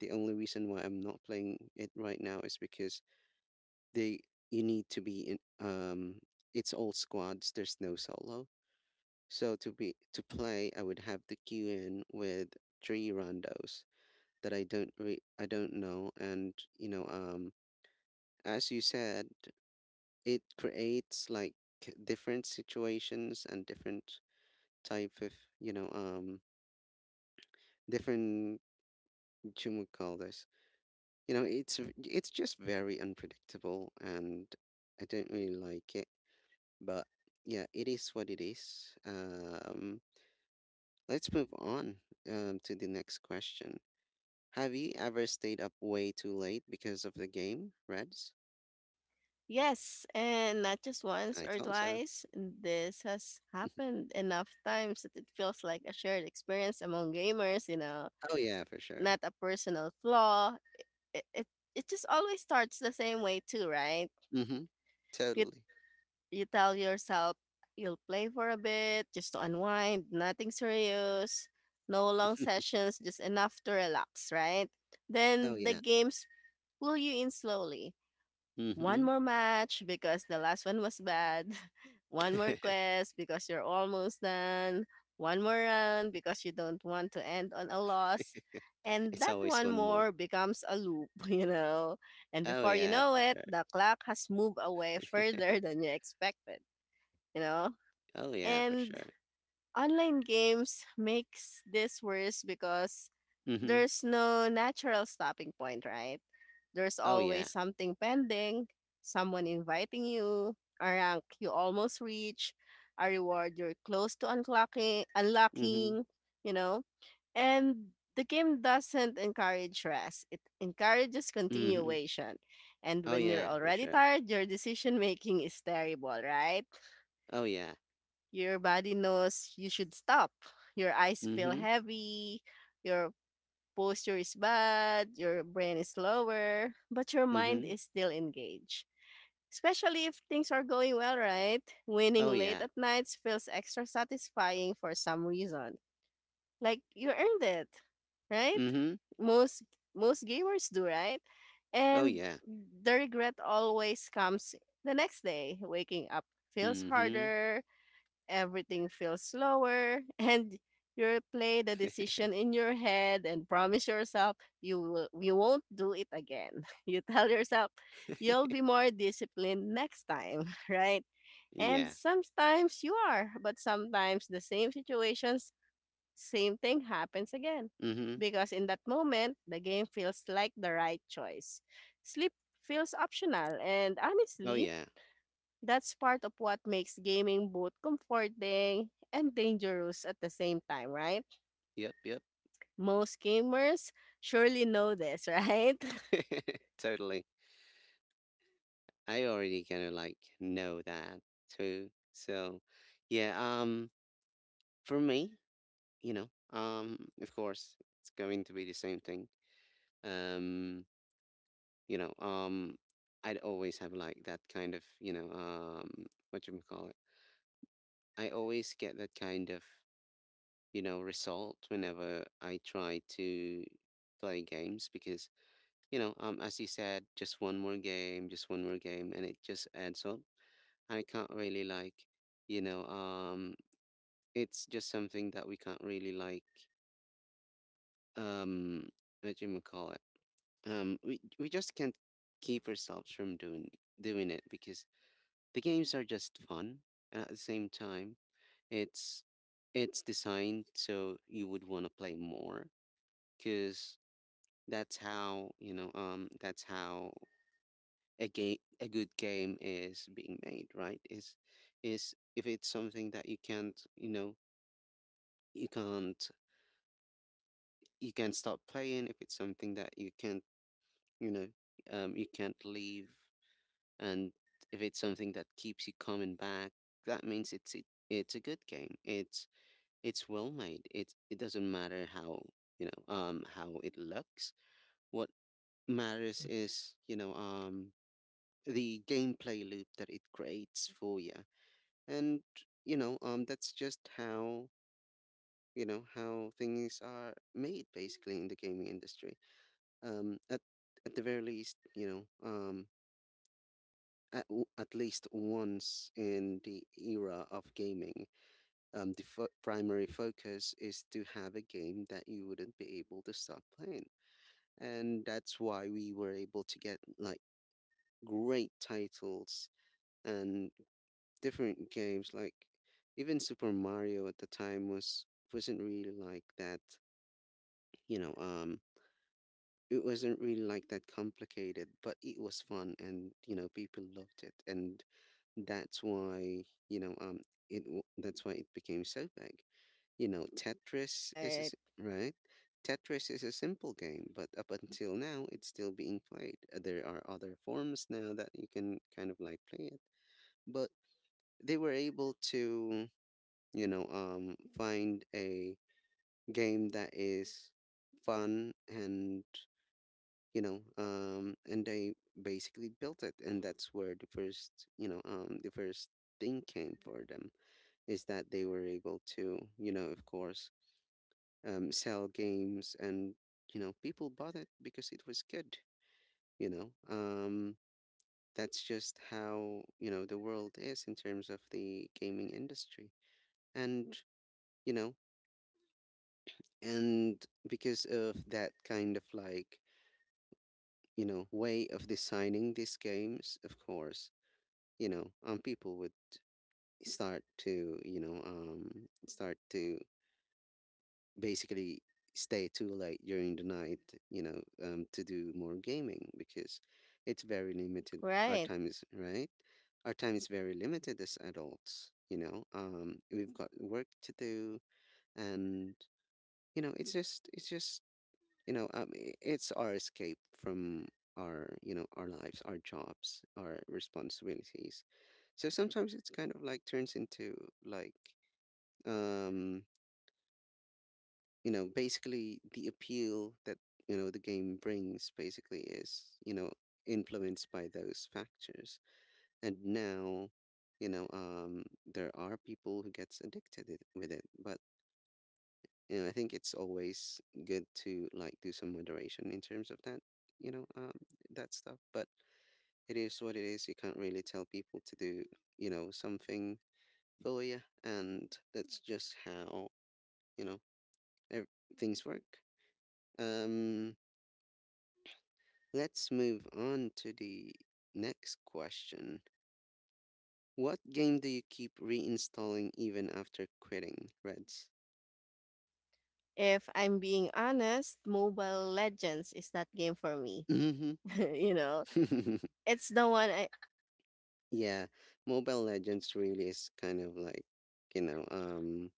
Speaker 1: the only reason why I'm not playing it right now is because they you need to be in, um, it's all squads, there's no solo. To play, I would have to queue in with three randos that I don't know, and as you said, it creates like different situations and different type of you know um different should would call this it's just very unpredictable and I don't really like it, but yeah, it is what it is. Let's move on to the next question. Have you ever stayed up way too late because of the game, Reds?
Speaker 2: Yes, and not just once
Speaker 1: I
Speaker 2: or
Speaker 1: thought so.
Speaker 2: twice. This has happened enough times that it feels like a shared experience among gamers, you know,
Speaker 1: Oh yeah, for sure.
Speaker 2: not a personal flaw. It, it, it just always starts the same way too, right?
Speaker 1: Mm-hmm.
Speaker 2: You
Speaker 1: Totally.
Speaker 2: you tell yourself you'll play for a bit just to unwind, nothing serious, no long sessions, just enough to relax, right?
Speaker 1: Oh
Speaker 2: Then the
Speaker 1: yeah.
Speaker 2: games pull you in slowly. One
Speaker 1: Mm-hmm.
Speaker 2: more match because the last one was bad. One more quest because you're almost done. One more round because you don't want to end on a loss. And
Speaker 1: It's
Speaker 2: that
Speaker 1: always
Speaker 2: one
Speaker 1: one more.
Speaker 2: more becomes a loop, you know. And
Speaker 1: Oh
Speaker 2: before you
Speaker 1: yeah,
Speaker 2: know
Speaker 1: for
Speaker 2: it,
Speaker 1: sure.
Speaker 2: the clock has moved away further than you expected, you know.
Speaker 1: Oh yeah, for
Speaker 2: And
Speaker 1: sure.
Speaker 2: online games makes this worse because
Speaker 1: Mm-hmm.
Speaker 2: there's no natural stopping point, right? There's
Speaker 1: Oh
Speaker 2: always
Speaker 1: yeah.
Speaker 2: something pending, someone inviting you, a rank you almost reach, a reward you're close to unlocking,
Speaker 1: Mm-hmm.
Speaker 2: unlocking, you know? And the game doesn't encourage rest. It encourages
Speaker 1: Mm-hmm.
Speaker 2: continuation. And
Speaker 1: Oh
Speaker 2: when you're
Speaker 1: yeah, for
Speaker 2: already
Speaker 1: sure.
Speaker 2: tired, your decision making is terrible, right?
Speaker 1: Oh yeah.
Speaker 2: Your body knows you should stop. Your eyes feel
Speaker 1: Mm-hmm.
Speaker 2: heavy, your posture is bad, your brain is lower, but your mind
Speaker 1: Mm-hmm.
Speaker 2: is still engaged. Especially if things are going well, right? Winning
Speaker 1: Oh
Speaker 2: late
Speaker 1: yeah.
Speaker 2: at nights feels extra satisfying for some reason. Like you earned it, right?
Speaker 1: Mm-hmm.
Speaker 2: Most most gamers do, right?
Speaker 1: Oh
Speaker 2: And
Speaker 1: yeah.
Speaker 2: the regret always comes the next day. Waking up feels
Speaker 1: Mm-hmm.
Speaker 2: harder, everything feels slower, and you play the decision in your head and promise yourself you won't do it again. You tell yourself you'll be more disciplined next time, right? And
Speaker 1: Yeah.
Speaker 2: sometimes you are, but sometimes the same situations, same thing happens again.
Speaker 1: Mm-hmm.
Speaker 2: Because in that moment, the game feels like the right choice. Sleep feels optional, and
Speaker 1: Oh
Speaker 2: honestly,
Speaker 1: yeah.
Speaker 2: that's part of what makes gaming both comforting and dangerous at the same time, right?
Speaker 1: Yep, yep.
Speaker 2: Most gamers surely know this, right?
Speaker 1: Totally. I already kind of like know that too. So, yeah, for me, of course, it's going to be the same thing. Um, you know, um, I'd always have like that kind of, what you call it. I always get that kind of, result whenever I try to play games because, as you said, just one more game, just one more game, and it just adds up. I can't really like, you know, um, it's just something that we can't really like, um, what do you call it? We just can't keep ourselves from doing it because the games are just fun, and at the same time, it's it's designed so you would want to play more because that's how that's how a good game is being made, right? Is if it's something that you can't, you can't you can't stop playing, if it's something that you can't you know you can't leave, and if it's something that keeps you coming back, that means it's a good game. It's well made. It doesn't matter how how it looks. What matters is the gameplay loop that it creates for you. And that's just how how things are made basically in the gaming industry. um at at the very least, at, at least once in the era of gaming, the primary focus is to have a game that you wouldn't be able to stop playing. And that's why we were able to get like great titles and different games, like even Super Mario at the time was wasn't really like that. you know um It wasn't really like that complicated, but it was fun and, you know, people loved it. And that's why, that's why it became so big. You know, Tetris is a,
Speaker 2: Right,
Speaker 1: s- right? Tetris is a simple game, but up until now it's still being played. There are other forms now that you can kind of like play it. But they were able to, find a game that is fun, and and I basically built it. And that's where the first the first thing came for them, is that they were able to, you know, of course, sell games. And you know people bought it because it was good. you know um that's just how, you know, the world is in terms of the gaming industry. And you know and because of that kind of like, you know, way of designing these games, of course, people would start to, start to basically stay too late during the night, to do more gaming because it's very limited. Our
Speaker 2: right.
Speaker 1: time is right. Our time is very limited as adults. We've got work to do, and you know, it's just it's our escape from our, you know, our lives, our jobs, our responsibilities. So sometimes it's kind of like turns into like um basically the appeal that, you know, the game brings, basically, is, you know, influenced by those factors. And now, there are people who gets addicted with it. But and I think it's always good to like do some moderation in terms of that, you know, um, that stuff. But it is what it is. You can't really tell people to do, you know, something for you, and that's just how you know ev- things work. Um, let's move on to the next question. What game do you keep reinstalling even after quitting, Reds?
Speaker 2: If I'm being honest, Mobile Legends is that game for me.
Speaker 1: Mm-hmm.
Speaker 2: You know, it's the one I.
Speaker 1: Yeah, Mobile Legends really is kind of like, you know, um,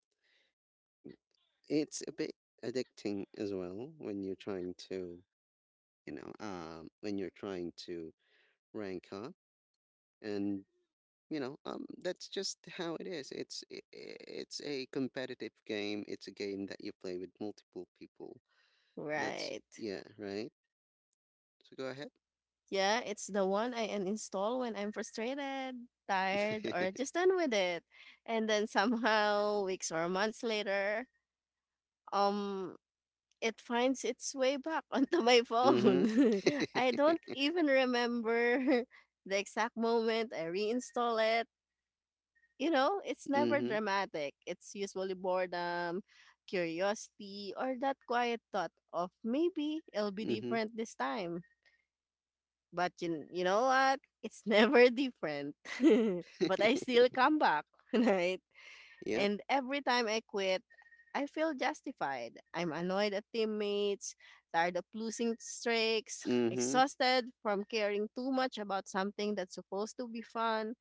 Speaker 1: it's a bit addicting as well when you're trying to, when you're trying to rank up, and that's just how it is. It's a competitive game. It's a game that you play with multiple people. That's
Speaker 2: Right.
Speaker 1: yeah, right. So go ahead.
Speaker 2: Yeah, it's the one I uninstall when I'm frustrated, tired, or just done with it. And then somehow, weeks or months later, um it finds its way back onto my
Speaker 1: Mm-hmm.
Speaker 2: phone. I don't even remember the exact moment I reinstall it. You know, it's never
Speaker 1: Mm-hmm.
Speaker 2: dramatic. It's usually boredom, curiosity, or that quiet thought of maybe it'll be
Speaker 1: Mm-hmm.
Speaker 2: different this time. But you know what? It's never different. But I still come back, right?
Speaker 1: Yep.
Speaker 2: And every time I quit, I feel justified. I'm annoyed at teammates, tired of losing streaks,
Speaker 1: Mm-hmm.
Speaker 2: exhausted from caring too much about something that's supposed to be fun.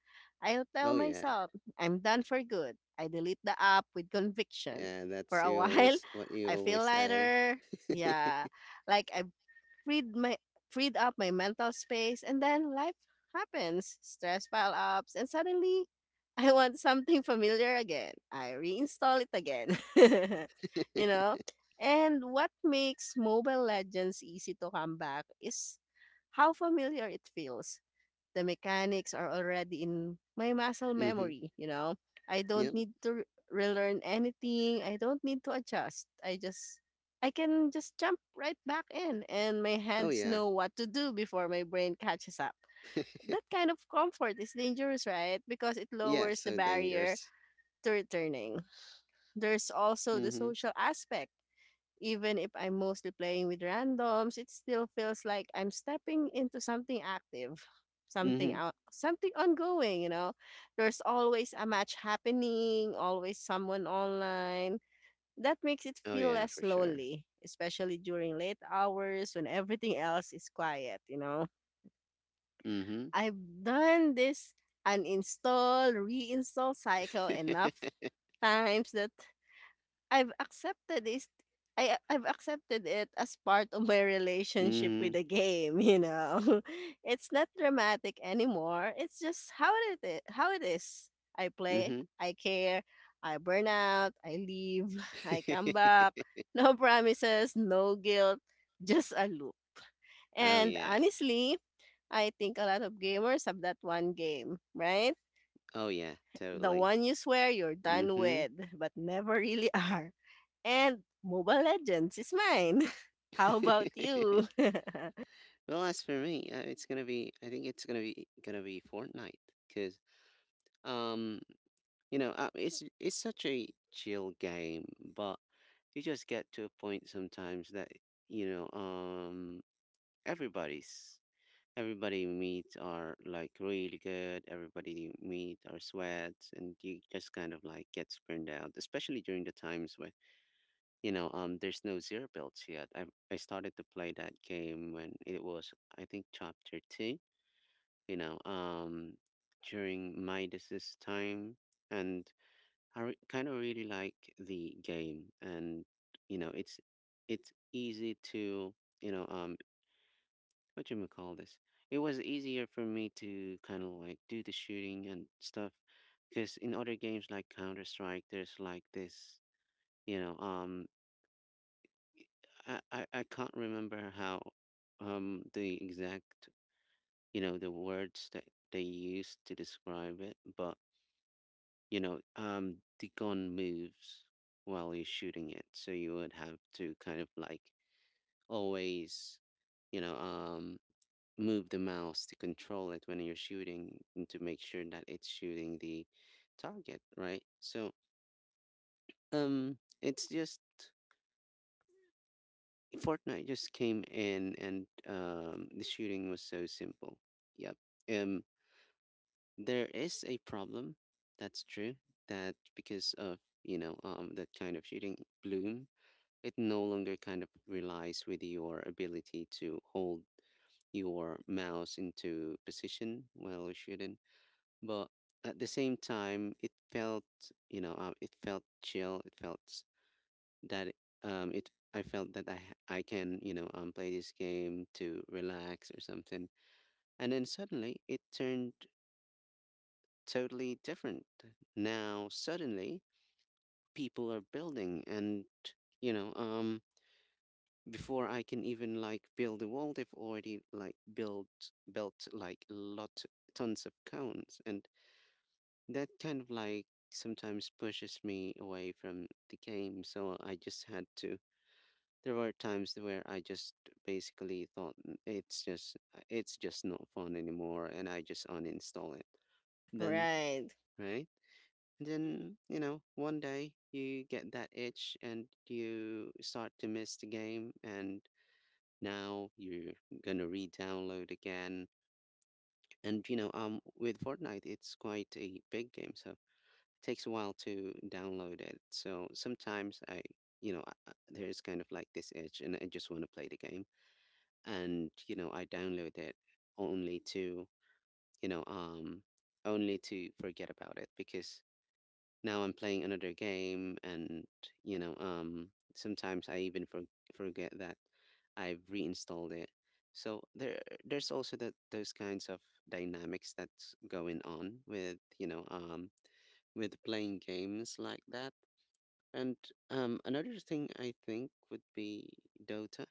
Speaker 2: I'll tell
Speaker 1: Oh yeah.
Speaker 2: myself, I'm done for good. I delete the app with conviction.
Speaker 1: Yeah,
Speaker 2: For
Speaker 1: that's
Speaker 2: a
Speaker 1: you
Speaker 2: while,
Speaker 1: always what you
Speaker 2: I feel
Speaker 1: always say.
Speaker 2: lighter. Yeah, like I've freed my freed up my mental space, and then life happens, stress pile ups, and suddenly I want something familiar again. I reinstall it again. You know, and what makes Mobile Legends easy to come back is how familiar it feels. The mechanics are already in my muscle
Speaker 1: Mm-hmm.
Speaker 2: memory, you know. I don't
Speaker 1: Yep.
Speaker 2: need to relearn anything. I don't need to adjust. I can just jump right back in and my
Speaker 1: Oh
Speaker 2: hands
Speaker 1: yeah.
Speaker 2: know what to do before my brain catches up. That kind of comfort is dangerous, right? Because it
Speaker 1: Yeah,
Speaker 2: lowers the
Speaker 1: so
Speaker 2: barrier
Speaker 1: dangerous.
Speaker 2: to returning. There's also the
Speaker 1: Mm-hmm.
Speaker 2: social aspect. Even if I'm mostly playing with randoms, it still feels like I'm stepping into something active,
Speaker 1: Mm-hmm.
Speaker 2: something ongoing, you know. There's always a match happening, always someone online. That makes it
Speaker 1: Oh
Speaker 2: feel
Speaker 1: yeah,
Speaker 2: less
Speaker 1: for sure.
Speaker 2: lonely, especially during late hours when everything else is quiet, you know.
Speaker 1: Mm-hmm.
Speaker 2: I've done this uninstall, reinstall cycle enough times that I've accepted is I've accepted it as part of my relationship with
Speaker 1: Mm-hmm.
Speaker 2: the game, you know. It's not dramatic anymore. It's just how it is. I play,
Speaker 1: Mm-hmm.
Speaker 2: I care, I burn out, I leave, I come back. No promises, no guilt, just a loop.
Speaker 1: Oh
Speaker 2: And
Speaker 1: yeah.
Speaker 2: honestly, I think a lot of gamers have that one game, right?
Speaker 1: Oh yeah,
Speaker 2: The
Speaker 1: totally.
Speaker 2: one you swear you're done
Speaker 1: Mm-hmm.
Speaker 2: with but never really are. And Mobile Legends is mine. How about you?
Speaker 1: Well, as for me, it's gonna be. I think it's gonna be Fortnite because um, it's such a chill game, but you just get to a point sometimes that you know um everybody's everybody we meet are like really good. Everybody we meet are sweats, and you just kind of like gets burned out, especially during the times when there's no zero builds yet. I started to play that game when it was I think chapter two. You know um During Midas's time, and kind of really like the game, and you know it's it's easy to you know um what you call this? It was easier for me to kind of like do the shooting and stuff, because in other games like Counter Strike, there's like this, you know, um, I can't remember how, the exact, you know, the words that they used to describe it, but the gun moves while you're shooting it, so you would have to kind of like always, you know, um move the mouse to control it when you're shooting and to make sure that it's shooting the target, right? So, it's just Fortnite just came in and the shooting was so simple. Yep. Um, there is a problem. That's true. That because of that kind of shooting bloom, it no longer kind of relies with your ability to hold your mouse into position while you're shooting. But at the same time, it felt, it felt chill. That it. I felt that I can, play this game to relax or something. And then suddenly, it turned totally different. Now suddenly, people are building, and you know, um, before I can even like build a wall, they've already like built like lot tons of cones, and that kind of like sometimes pushes me away from the game. So I just had to. There were times where I just basically thought, It's just it's just not fun anymore," and I just uninstall it. Then
Speaker 2: Right,
Speaker 1: right, and then you know one day you get that itch and you start to miss the game, and now you're gonna re-download again. And with Fortnite, it's quite a big game, so takes a while to download it. So sometimes I, you know, there's kind of like this itch and I just want to play the game. And, you know, I download it only to, you know, um, only to forget about it because now I'm playing another game. And, sometimes I even forget that I've reinstalled it. So there's also that, those kinds of dynamics that's going on with, with playing games like that. And another thing I think would be Dota,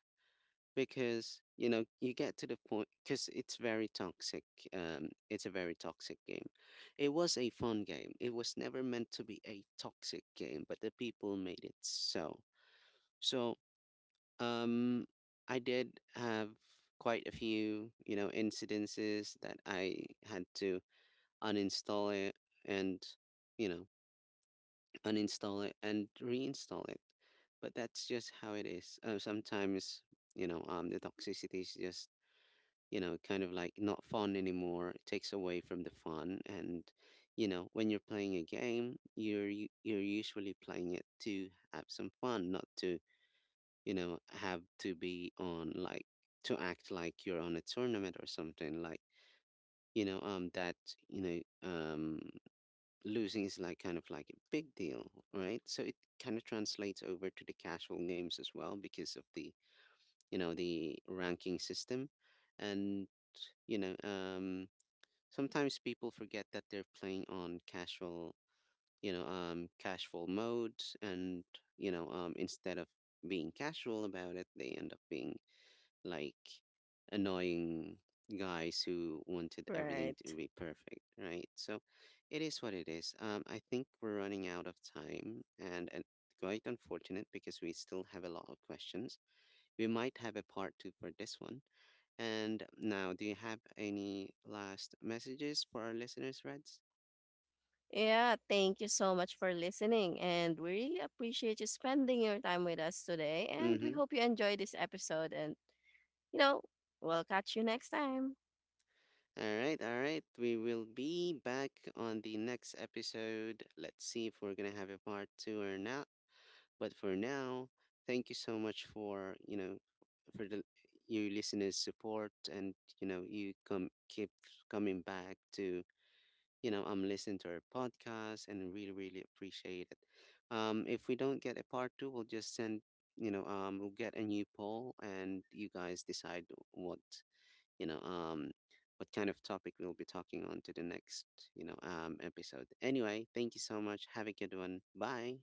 Speaker 1: because you know you get to the point because it's very toxic. It's a very toxic game. It was a fun game. It was never meant to be a toxic game, but the people made it so. So um, I did have quite a few, you know, incidences that I had to uninstall it and you know uninstall it and reinstall it. But that's just how it is. Sometimes, the toxicity is just, you know, kind of like not fun anymore. It takes away from the fun. And, you know, when you're playing a game, you're usually playing it to have some fun, not to, you know, have to be on like to act like you're on a tournament or something like that you know um losing is like kind of like a big deal, right? So it kind of translates over to the casual games as well because of the, you know, the ranking system. And, you know, um, sometimes people forget that they're playing on casual, casual modes, and, instead of being casual about it, they end up being like annoying guys who wanted everything to
Speaker 2: right.
Speaker 1: be perfect, right? So it is what it is. I think we're running out of time and quite unfortunate because we still have a lot of questions. We might have a part two for this one. And now, do you have any last messages for our listeners, Reds?
Speaker 2: Yeah, thank you so much for listening. And we really appreciate you spending your time with us today. And we
Speaker 1: Mm-hmm.
Speaker 2: hope you enjoyed this episode. And you know, we'll catch you next time.
Speaker 1: All right, all right. We will be back on the next episode. Let's see if we're gonna have a part two or not. But for now, thank you so much for, you know, for the your listeners' support, and, you know, you come keep coming back to, you know, I'm listening to our podcast and really, really appreciate it. If we don't get a part two, we'll just send, we'll get a new poll and you guys decide what, you know, um, what kind of topic we'll be talking on to the next, episode. Anyway, thank you so much. Have a good one. Bye.